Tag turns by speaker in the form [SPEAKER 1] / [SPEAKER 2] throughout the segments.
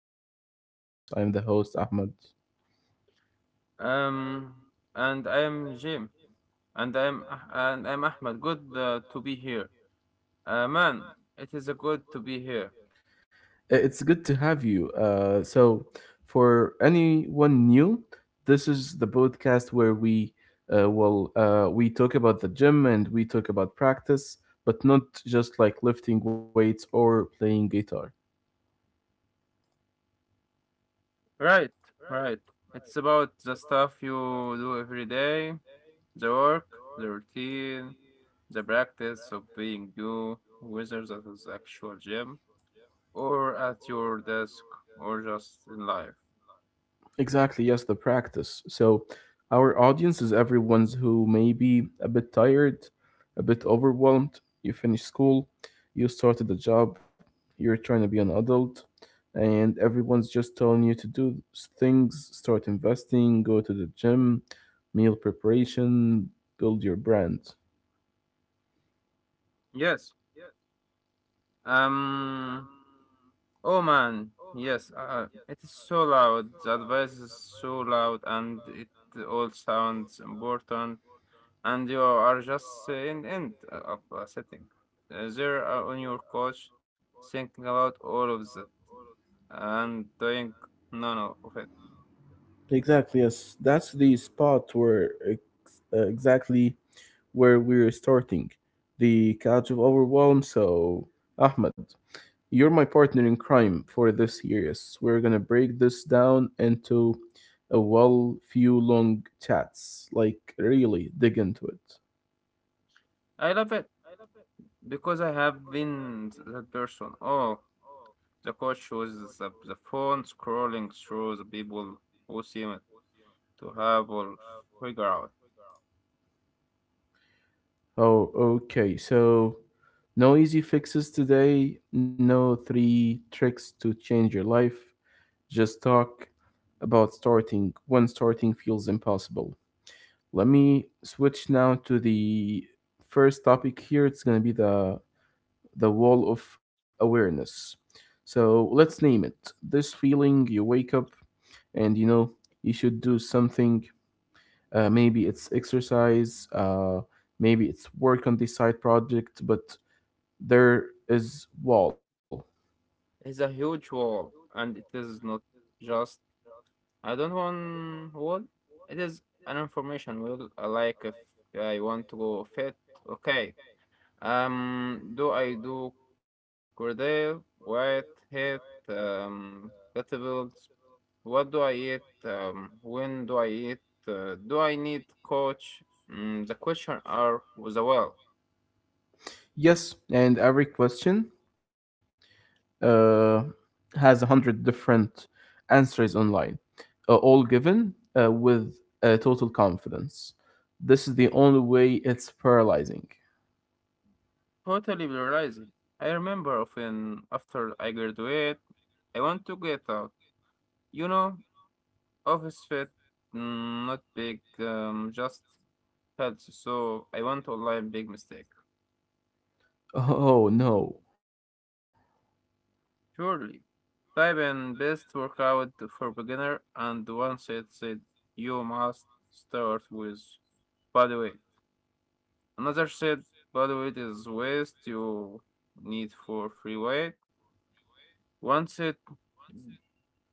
[SPEAKER 1] Gym and Practice. I'm the host, Ahmed.
[SPEAKER 2] Um,
[SPEAKER 1] Um,
[SPEAKER 2] and I
[SPEAKER 1] and
[SPEAKER 2] am
[SPEAKER 1] I am
[SPEAKER 2] Jim,
[SPEAKER 1] Jim,
[SPEAKER 2] and I am
[SPEAKER 1] and I'm
[SPEAKER 2] Ah- and I am
[SPEAKER 1] and
[SPEAKER 2] Ahmed.
[SPEAKER 1] I'm
[SPEAKER 2] Good
[SPEAKER 1] Ahmed. Good
[SPEAKER 2] to be
[SPEAKER 1] to
[SPEAKER 2] here.
[SPEAKER 1] be here.
[SPEAKER 2] Man,
[SPEAKER 1] Man,
[SPEAKER 2] it is a
[SPEAKER 1] it is
[SPEAKER 2] good
[SPEAKER 1] a
[SPEAKER 2] to be
[SPEAKER 1] good to
[SPEAKER 2] here.
[SPEAKER 1] be here. It's good to have you. For anyone new, this is the podcast where we talk about the gym and we talk about practice, but not just like lifting weights or playing guitar.
[SPEAKER 2] Right,
[SPEAKER 1] Right,
[SPEAKER 2] right.
[SPEAKER 1] right.
[SPEAKER 2] It's about
[SPEAKER 1] It's
[SPEAKER 2] the
[SPEAKER 1] about
[SPEAKER 2] stuff
[SPEAKER 1] the stuff
[SPEAKER 2] you
[SPEAKER 1] you
[SPEAKER 2] do every
[SPEAKER 1] do
[SPEAKER 2] day,
[SPEAKER 1] every day,
[SPEAKER 2] the work,
[SPEAKER 1] the
[SPEAKER 2] the
[SPEAKER 1] work, the
[SPEAKER 2] routine,
[SPEAKER 1] routine,
[SPEAKER 2] the
[SPEAKER 1] the
[SPEAKER 2] practice of
[SPEAKER 1] practice
[SPEAKER 2] being
[SPEAKER 1] of being
[SPEAKER 2] you,
[SPEAKER 1] you,
[SPEAKER 2] whether that is
[SPEAKER 1] whether that is
[SPEAKER 2] actual
[SPEAKER 1] at
[SPEAKER 2] gym
[SPEAKER 1] your gym
[SPEAKER 2] or at
[SPEAKER 1] or
[SPEAKER 2] your
[SPEAKER 1] at your
[SPEAKER 2] desk
[SPEAKER 1] desk
[SPEAKER 2] or just
[SPEAKER 1] or
[SPEAKER 2] in
[SPEAKER 1] just
[SPEAKER 2] life.
[SPEAKER 1] in. Exactly, yes, the practice. So our audience is everyone's who may be a bit tired, a bit overwhelmed. You finish school, you started a job, you're trying to be an adult, and everyone's just telling you to do things, start investing, go to the gym, meal preparation, build your brand.
[SPEAKER 2] Yes. Um. Oh man, yes, it is so loud. The advice is so loud, and it all sounds important. And you are just in end up sitting there on your couch, thinking about all of that and doing none of it.
[SPEAKER 1] Exactly, yes. That's the spot where exactly where we're starting. The couch of overwhelm, so Ahmed, you're my partner in crime for this series. We're gonna break this down into a few long chats. Like really dig into it.
[SPEAKER 2] I love it because I have been that person. Oh, the couch was the phone scrolling through the people who seem to have all figured out.
[SPEAKER 1] Oh, okay. So no easy fixes today, no three tricks to change your life. Just talk about starting when starting feels impossible. Let me switch now to the first topic here. It's gonna be the wall of awareness. So let's name it. This feeling you wake up and you know you should do something. Maybe it's exercise, maybe it's work on this side project, but there is wall.
[SPEAKER 2] It's a huge wall, and it is not just I don't want wall. It is an information wall. Like if I want to go fit, okay. Do I do cordell, white, heat, vegetables? What do I eat? When do I eat? Do I need coach? The question are was a well.
[SPEAKER 1] Yes, and every question uh, has a hundred different answers online, all given with total confidence. This is the only way it's paralyzing.
[SPEAKER 2] Totally realizing. I remember often after I graduate, I want to get out. You know, office fit, not big, just healthy. So I went online, big mistake.
[SPEAKER 1] Oh no.
[SPEAKER 2] Surely. Type in best workout for beginner, and one site said you must start with body weight. Another said body weight is waste you need for free weight. One said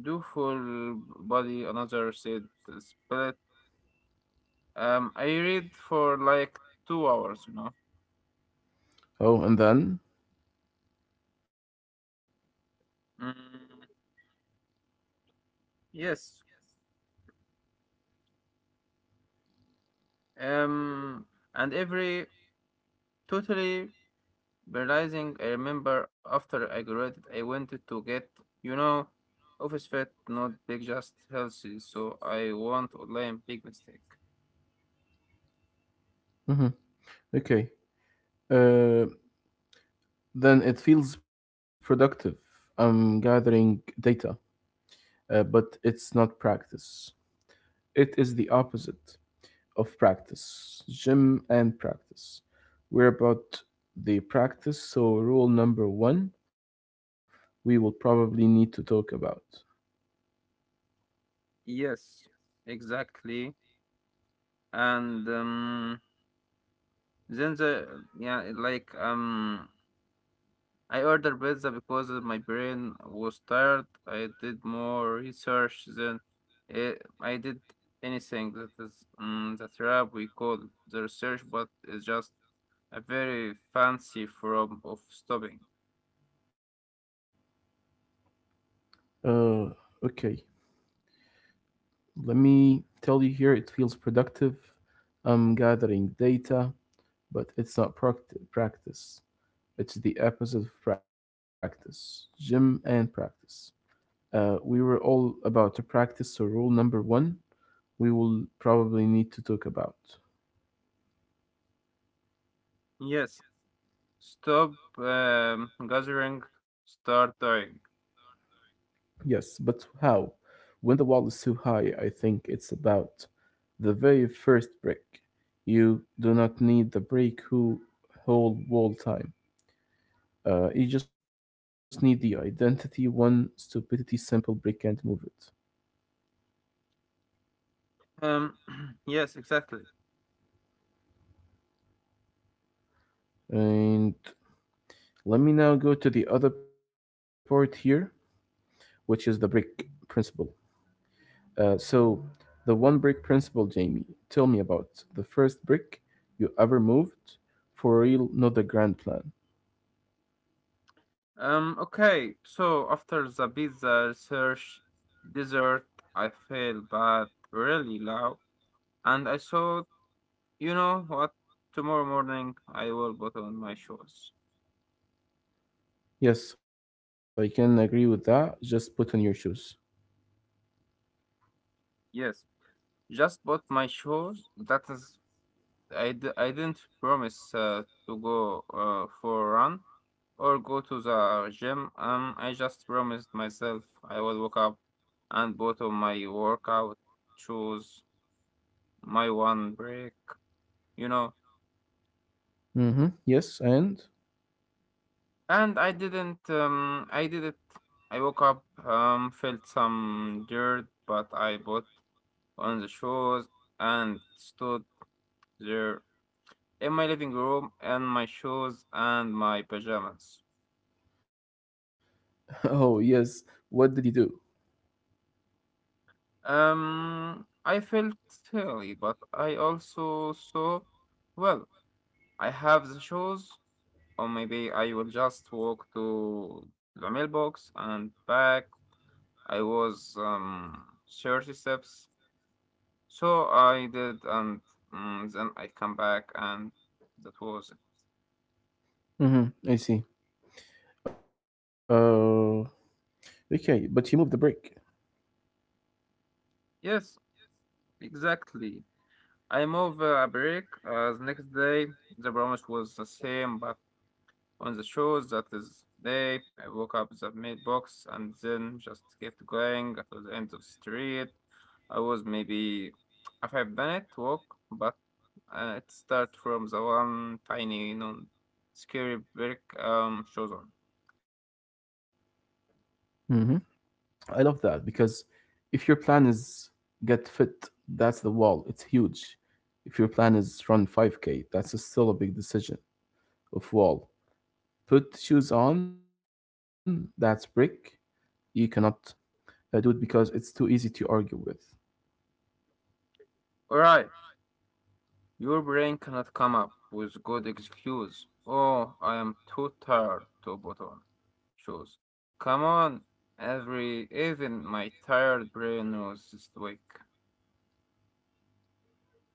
[SPEAKER 2] do full body, another said split. I read for like 2 hours, you know.
[SPEAKER 1] Oh, and then?
[SPEAKER 2] Mm, yes, Um, and every totally realizing, I remember after I graduated, I wanted to get, you know, office fit, not big, just healthy. So I want online big mistake.
[SPEAKER 1] Hmm. Okay. Uh, then it feels productive. I'm gathering data, but it's not practice. It is the opposite of practice. Gym and practice. We're about the practice, so rule number one we will probably need to talk about.
[SPEAKER 2] Yes, exactly. And then the yeah, I ordered pizza because my brain was tired. I did more research than eh, I did anything. That is the trap we call the research, but it's just a very fancy form of stopping.
[SPEAKER 1] Uh, okay. Let me tell you, here it feels productive. I'm gathering data, but it's not pract- practice. It's the opposite of practice. Gym and practice. We were all about to practice, so rule number one we will probably need to talk about.
[SPEAKER 2] Yes, stop gathering, start dying.
[SPEAKER 1] Yes, but how? When the wall is too high, I think it's about the very first brick. You do not need the brick who whole wall time. You just need the identity, one stupidity simple brick and move it.
[SPEAKER 2] Um, yes, exactly.
[SPEAKER 1] And let me now go to the other part here, which is the brick principle. Uh, so, the one brick principle, Jamie, tell me about the first brick you ever moved for real, not the grand plan.
[SPEAKER 2] Okay, so after the pizza research dessert, I felt bad really loud and I thought, you know what? Tomorrow morning I will put on my shoes.
[SPEAKER 1] Yes, I can agree with that. Just put on your shoes.
[SPEAKER 2] Yes, just put my shoes. That is, I, d- I didn't promise to go for a run or go to the gym. I just promised myself I will wake up and put on my workout shoes, my one break, you know.
[SPEAKER 1] Mm-hmm. Yes, and
[SPEAKER 2] And I didn't, I did it. I woke up, felt some dirt, but I bought on the shoes and stood there in my living room in my shoes and my pajamas.
[SPEAKER 1] oh yes, what did you do?
[SPEAKER 2] I felt silly, but I also thought, well, I have the shoes, or maybe I will just walk to the mailbox and back. I was 30 steps, so I did, and then I come back, and that was it.
[SPEAKER 1] Mm-hmm. I see. Uh, okay, but you moved the brick.
[SPEAKER 2] Yes, exactly. I moved a break. The next day, the promise was the same, but on the shows, that is day, I woke up the mailbox and then just kept going to the end of the street. I was maybe a 5 minute walk, but it started from the one tiny, you know, scary brick shows on.
[SPEAKER 1] Mm-hmm. I love that because if your plan is get fit, that's the wall. It's huge. If your plan is run 5k, that's still a big decision of wall. Put shoes on, that's brick. You cannot do it because it's too easy to argue with.
[SPEAKER 2] All right. Your brain cannot come up with good excuse. Oh, I am too tired to put on shoes. Come on, every even my tired brain knows this week.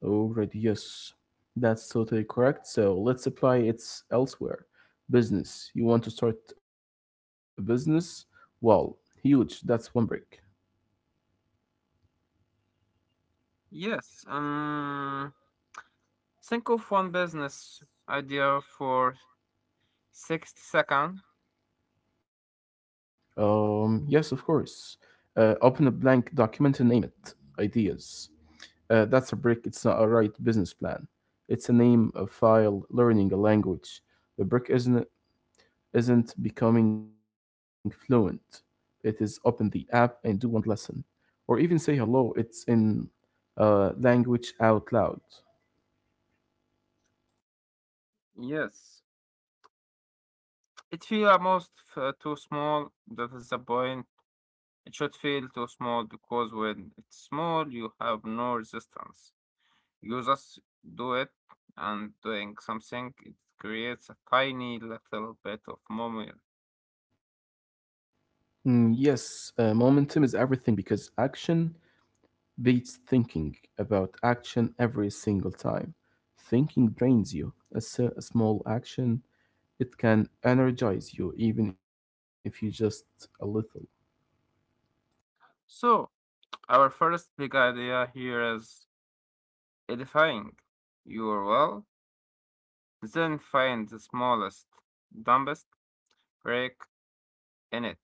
[SPEAKER 1] Already, yes. That's totally correct. So let's apply it elsewhere. Business. You want to start a business? Well, huge. That's one brick.
[SPEAKER 2] Yes, think of one business idea for 60 seconds.
[SPEAKER 1] Yes, of course. Open a blank document and name it. Ideas. That's a brick. It's not a right business plan. It's a name, a file, learning a language. The brick isn't becoming fluent. It is open the app and do one lesson, or even say hello. It's in language out loud.
[SPEAKER 2] Yes, it feels almost too small. That is the point. It should feel too small because when it's small, you have no resistance. You just do it, and doing something, it creates a tiny little bit of moment.
[SPEAKER 1] Yes, momentum is everything because action beats thinking about action every single time. Thinking drains you. A small action, it can energize you, even if you just a little.
[SPEAKER 2] So, our first big idea here is edifying your well, then find the smallest, dumbest break in it,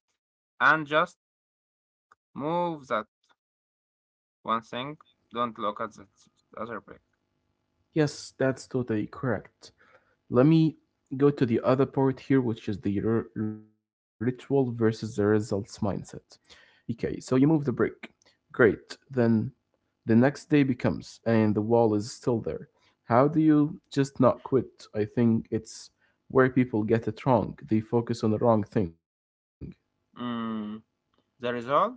[SPEAKER 2] and just move that one thing. Don't look at that other break.
[SPEAKER 1] Yes, that's totally correct. Let me go to the other part here, which is the ritual versus the results mindset. Okay, so you move the brick. Great. Then the next day becomes, and the wall is still there. How do you just not quit? I think it's where people get it wrong. They focus on the wrong thing.
[SPEAKER 2] Mm, the result?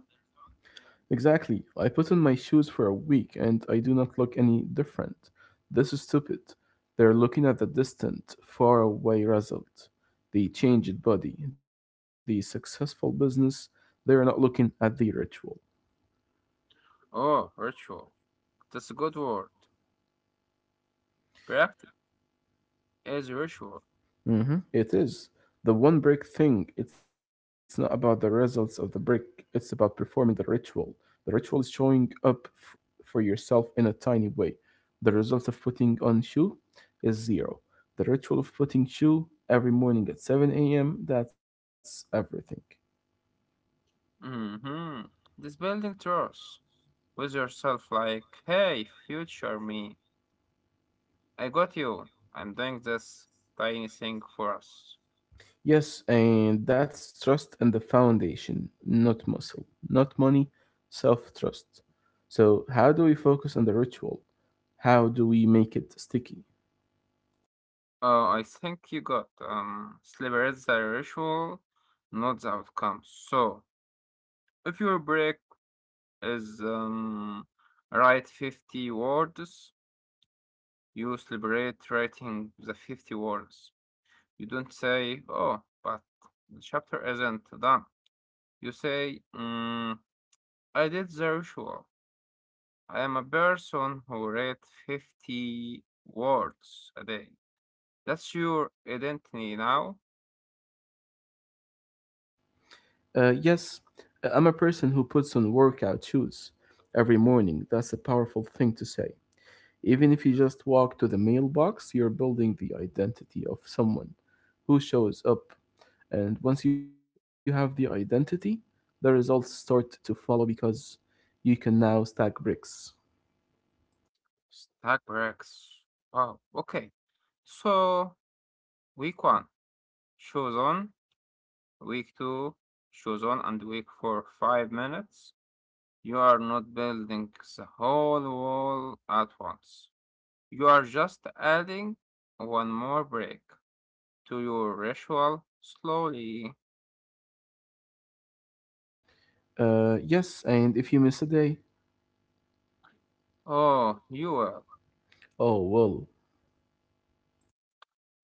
[SPEAKER 1] Exactly. I put on my shoes for a week and I do not look any different. This is stupid. They're looking at the distant, faraway result. The changed body, the successful business. They are not looking at the ritual.
[SPEAKER 2] Oh, ritual. That's a good word. Practice is ritual.
[SPEAKER 1] Mhm. It is. The one brick thing, it's not about the results of the brick, it's about performing the ritual. The ritual is showing up for yourself in a tiny way. The result of putting on shoe is zero. The ritual of putting shoe every morning at 7 a.m., that's everything.
[SPEAKER 2] Mm-hmm. This building trust with yourself, like, hey, future me, I got you. I'm doing this tiny thing for us.
[SPEAKER 1] Yes, and that's trust in the foundation, not muscle, not money, self trust. So, how do we focus on the ritual? How do we make it sticky?
[SPEAKER 2] Oh, I think you got sleep is the ritual, not the outcome. So, if your break is write 50 words, you celebrate writing the 50 words. You don't say, oh, but the chapter isn't done. You say, I did the ritual. I am a person who read 50 words a day. That's your identity now.
[SPEAKER 1] Yes, I'm a person who puts on workout shoes every morning. That's a powerful thing to say. Even if you just walk to the mailbox, you're building the identity of someone who shows up. And once you have the identity, the results start to follow because you can now stack bricks.
[SPEAKER 2] Stack breaks. Wow. Okay. So, week one, shoes on. Week two, shoes on. And week four, 5 minutes. You are not building the whole wall at once. You are just adding one more break to your ritual slowly.
[SPEAKER 1] Yes, and if you miss a day,
[SPEAKER 2] Oh, you will.
[SPEAKER 1] oh well.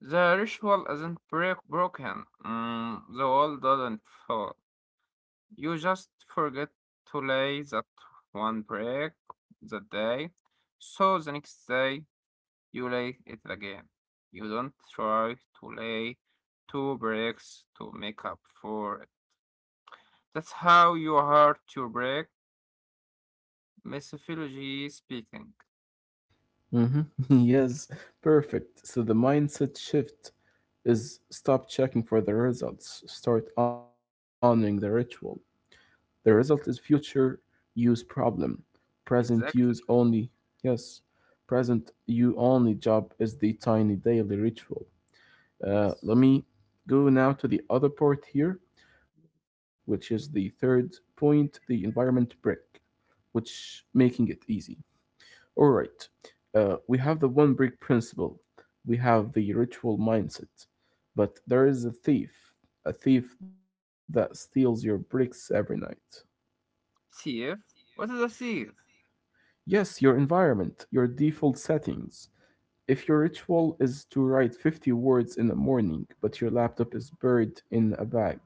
[SPEAKER 2] The ritual isn't break broken. The wall doesn't fall. You just forget to lay that one brick that day. So the next day you lay it again. You don't try to lay two bricks to make up for it. That's how you hurt your brick, methodology speaking.
[SPEAKER 1] Mm-hmm. Yes, perfect. So the mindset shift is stop checking for the results, start honoring the ritual. The result is future use problem. Present use
[SPEAKER 2] Exactly.
[SPEAKER 1] only, yes, present you only job is the tiny daily ritual.
[SPEAKER 2] Yes.
[SPEAKER 1] Let me go now to the other part here, which is the third point, the environment brick, which making it easy. All right. We have the one brick principle. We have the ritual mindset. But there is a thief that steals your bricks every night.
[SPEAKER 2] Sieve? What is a sieve?
[SPEAKER 1] Yes, your environment, your default settings. If your ritual is to write 50 words in the morning, but your laptop is buried in a bag,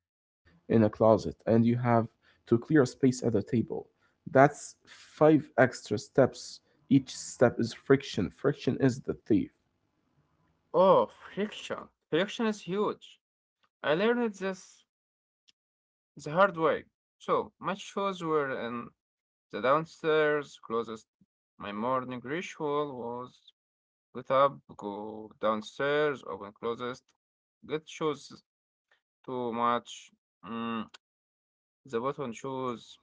[SPEAKER 1] in a closet, and you have to clear a space at the table, that's five extra steps. Each step is friction. Friction is the thief.
[SPEAKER 2] Oh, friction. Friction is huge. I learned this the hard way. So my shoes were in the downstairs closet. My morning ritual was get up, go downstairs, open closet, get shoes too much. Mm, the button shoes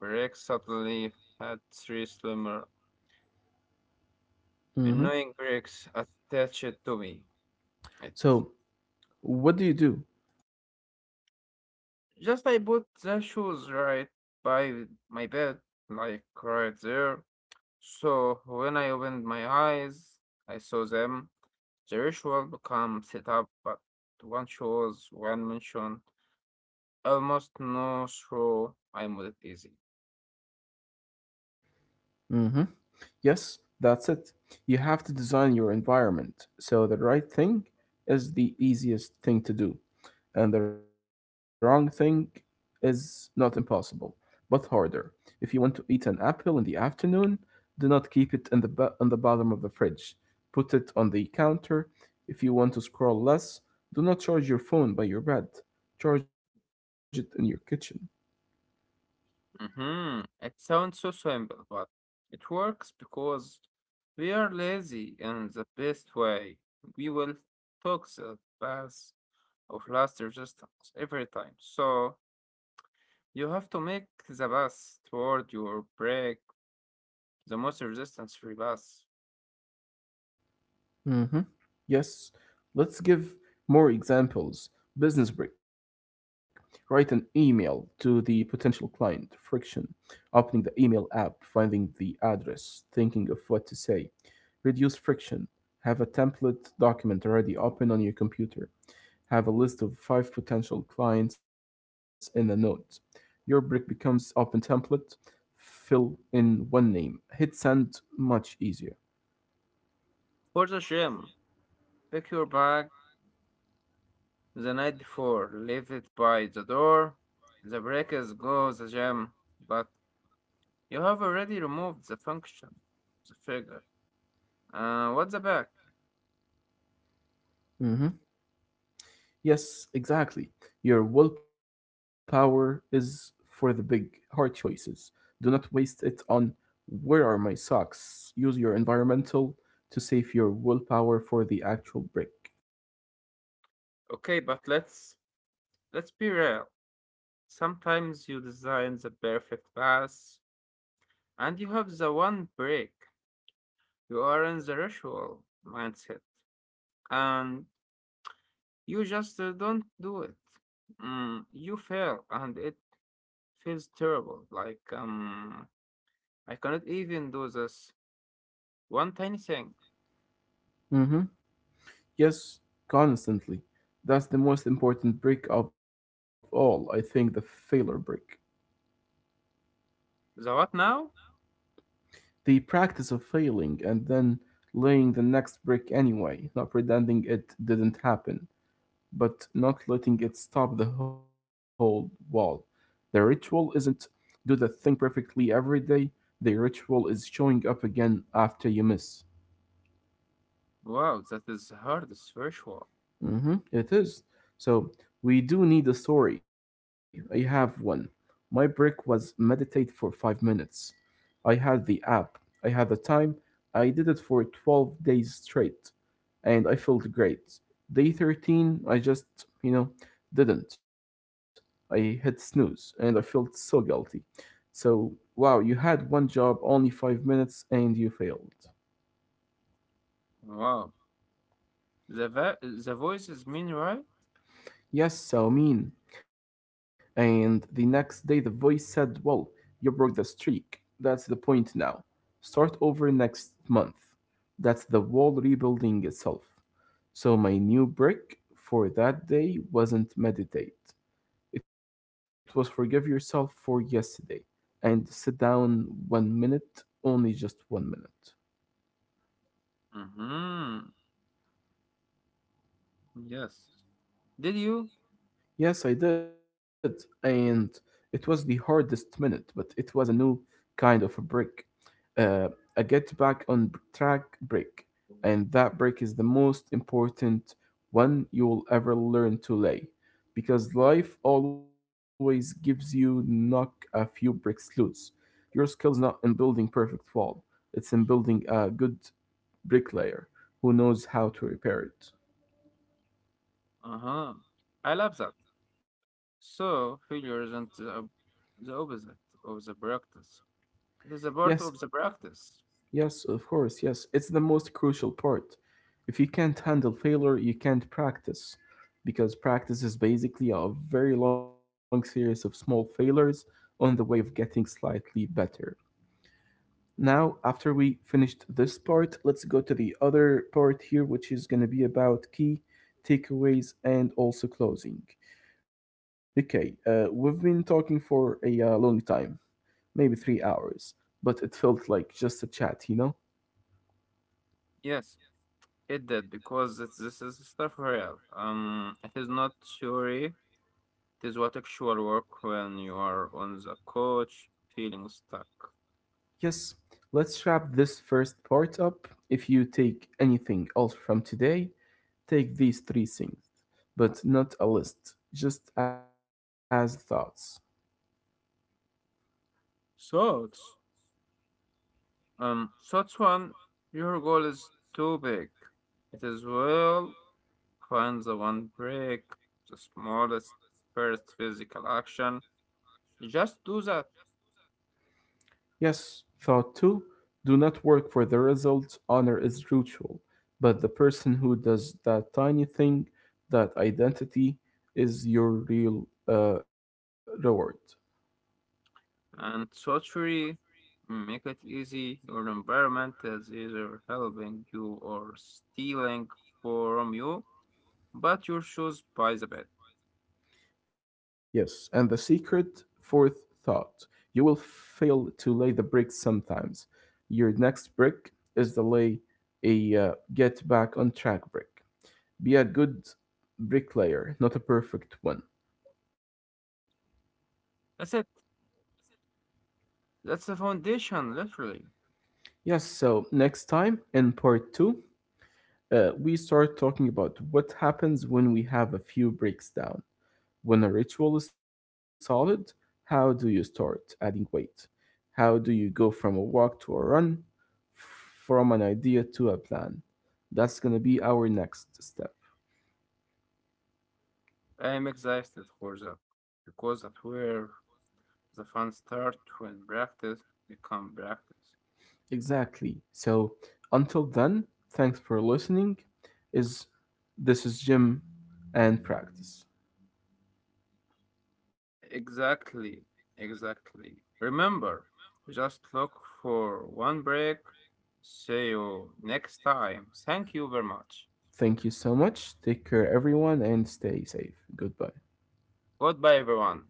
[SPEAKER 2] break suddenly had three slimmer,
[SPEAKER 1] Mhm.
[SPEAKER 2] annoying breaks attached to me. It
[SPEAKER 1] So, what do you do?
[SPEAKER 2] just I put the shoes right by my bed, like right there. So when I opened my eyes, I saw them. The ritual become set up, but one shows, one mention, almost no show. I made it easy.
[SPEAKER 1] Hmm. Yes, that's it. You have to design your environment so the right thing is the easiest thing to do, and the wrong thing is not impossible, but harder. If you want to eat an apple in the afternoon, do not keep it in the on the bottom of the fridge. Put it on the counter. If you want to scroll less, do not charge your phone by your bed. Charge it in your kitchen.
[SPEAKER 2] Hmm. It sounds so simple, but it works because we are lazy in the best way. We will talk the path of last resistance every time. So you have to make the path toward your break the most resistance free path.
[SPEAKER 1] Mm-hmm. Yes, let's give more examples. Business break. Write an email to the potential client. Friction. Opening the email app, finding the address, thinking of what to say. Reduce friction. Have a template document already open on your computer. Have a list of five potential clients in a note. Your brick becomes open template. Fill in one name. Hit send much easier.
[SPEAKER 2] For the gym, pick your bag the night before, leave it by the door. The breakers go the gym, but you have already removed the function, the figure. What's the bag?
[SPEAKER 1] Yes, exactly. Your willpower is for the big, hard choices. Do not waste it on where are my socks. Use your environmental to save your willpower for the actual break.
[SPEAKER 2] Okay, but let's be real. Sometimes you design the perfect pass, and you have the one break. You are in the ritual mindset, and you just don't do it. You fail, and it feels terrible. I cannot even do this one tiny thing.
[SPEAKER 1] Mm-hmm. Yes, constantly. That's the most important break of all, I think, the failure break.
[SPEAKER 2] The what now?
[SPEAKER 1] The practice of failing and then laying the next brick anyway, not pretending it didn't happen, but not letting it stop the whole wall. The ritual isn't do the thing perfectly every day, the ritual is showing up again after you miss.
[SPEAKER 2] Wow, that is hard spiritual.
[SPEAKER 1] Mhm, it is. So we do need a story. I have one. My break was meditate for 5 minutes. I had the app. I had the time. I did it for 12 days straight. And I felt great. Day 13, I just, you know, didn't. I hit snooze and I felt so guilty. So, wow, you had one job, only 5 minutes, and you failed.
[SPEAKER 2] Wow. The voice is mean, right?
[SPEAKER 1] Yes, so I mean. And the next day the voice said, well, you broke the streak. That's the point now. Start over next month. That's the wall rebuilding itself. So my new brick for that day wasn't meditate. It was forgive yourself for yesterday and sit down 1 minute, only just 1 minute.
[SPEAKER 2] Mm-hmm. Yes. Did you?
[SPEAKER 1] Yes, I did. And it was the hardest minute, but it was a new kind of a break. uh, a get back on track break. And that break is the most important one you'll ever learn to lay. Because life always gives you knock a few bricks loose. Your skill is not in building perfect wall, it's in building a good bricklayer who knows how to repair it.
[SPEAKER 2] Uh-huh. I love that. So failure isn't the opposite of the practice. It is a part
[SPEAKER 1] Yes,
[SPEAKER 2] of the practice.
[SPEAKER 1] yes, of course, yes. It's the most crucial part. If you can't handle failure, you can't practice. Because practice is basically a very long series of small failures on the way of getting slightly better. Now, after we finished this part, let's go to the other part here, which is going to be about key takeaways and also closing. Okay, we've been talking for a long time, maybe 3 hours, but it felt like just a chat, you know?
[SPEAKER 2] Yes, it did because this is stuff real. It is not theory. It is what actual work when you are on the couch feeling stuck.
[SPEAKER 1] Yes, let's wrap this first part up. If you take anything else from today, take these three things, but not a list, just as thoughts.
[SPEAKER 2] Thoughts. Thoughts one, your goal is too big. It is well, find the one break, the smallest first physical action. Just do that.
[SPEAKER 1] Yes, thought two, do not work for the result, honor is ritual, but the person who does that tiny thing, that identity, is your real reward.
[SPEAKER 2] And thought three, make it easy. Your environment is either helping you or stealing from you, but your shoes by the bed.
[SPEAKER 1] Yes, and the secret fourth thought, you will fail to lay the brick sometimes. Your next brick is to lay a get back on track brick. Be a good bricklayer, not a perfect one.
[SPEAKER 2] That's it. That's the foundation, literally.
[SPEAKER 1] Yes, so next time in part two, we start talking about what happens when we have a few bricks down. When a ritual is solid, how do you start adding weight? How do you go from a walk to a run, from an idea to a plan? That's going to be our next step.
[SPEAKER 2] I am excited for that because that's where the fun starts when practice become practice.
[SPEAKER 1] Exactly. So until then, thanks for listening. Is this is Jim and Practice.
[SPEAKER 2] Exactly, exactly. Remember, just look for one break. See you next time. Thank you very much.
[SPEAKER 1] Thank you so much. Take care everyone and stay safe. Goodbye.
[SPEAKER 2] Goodbye, everyone.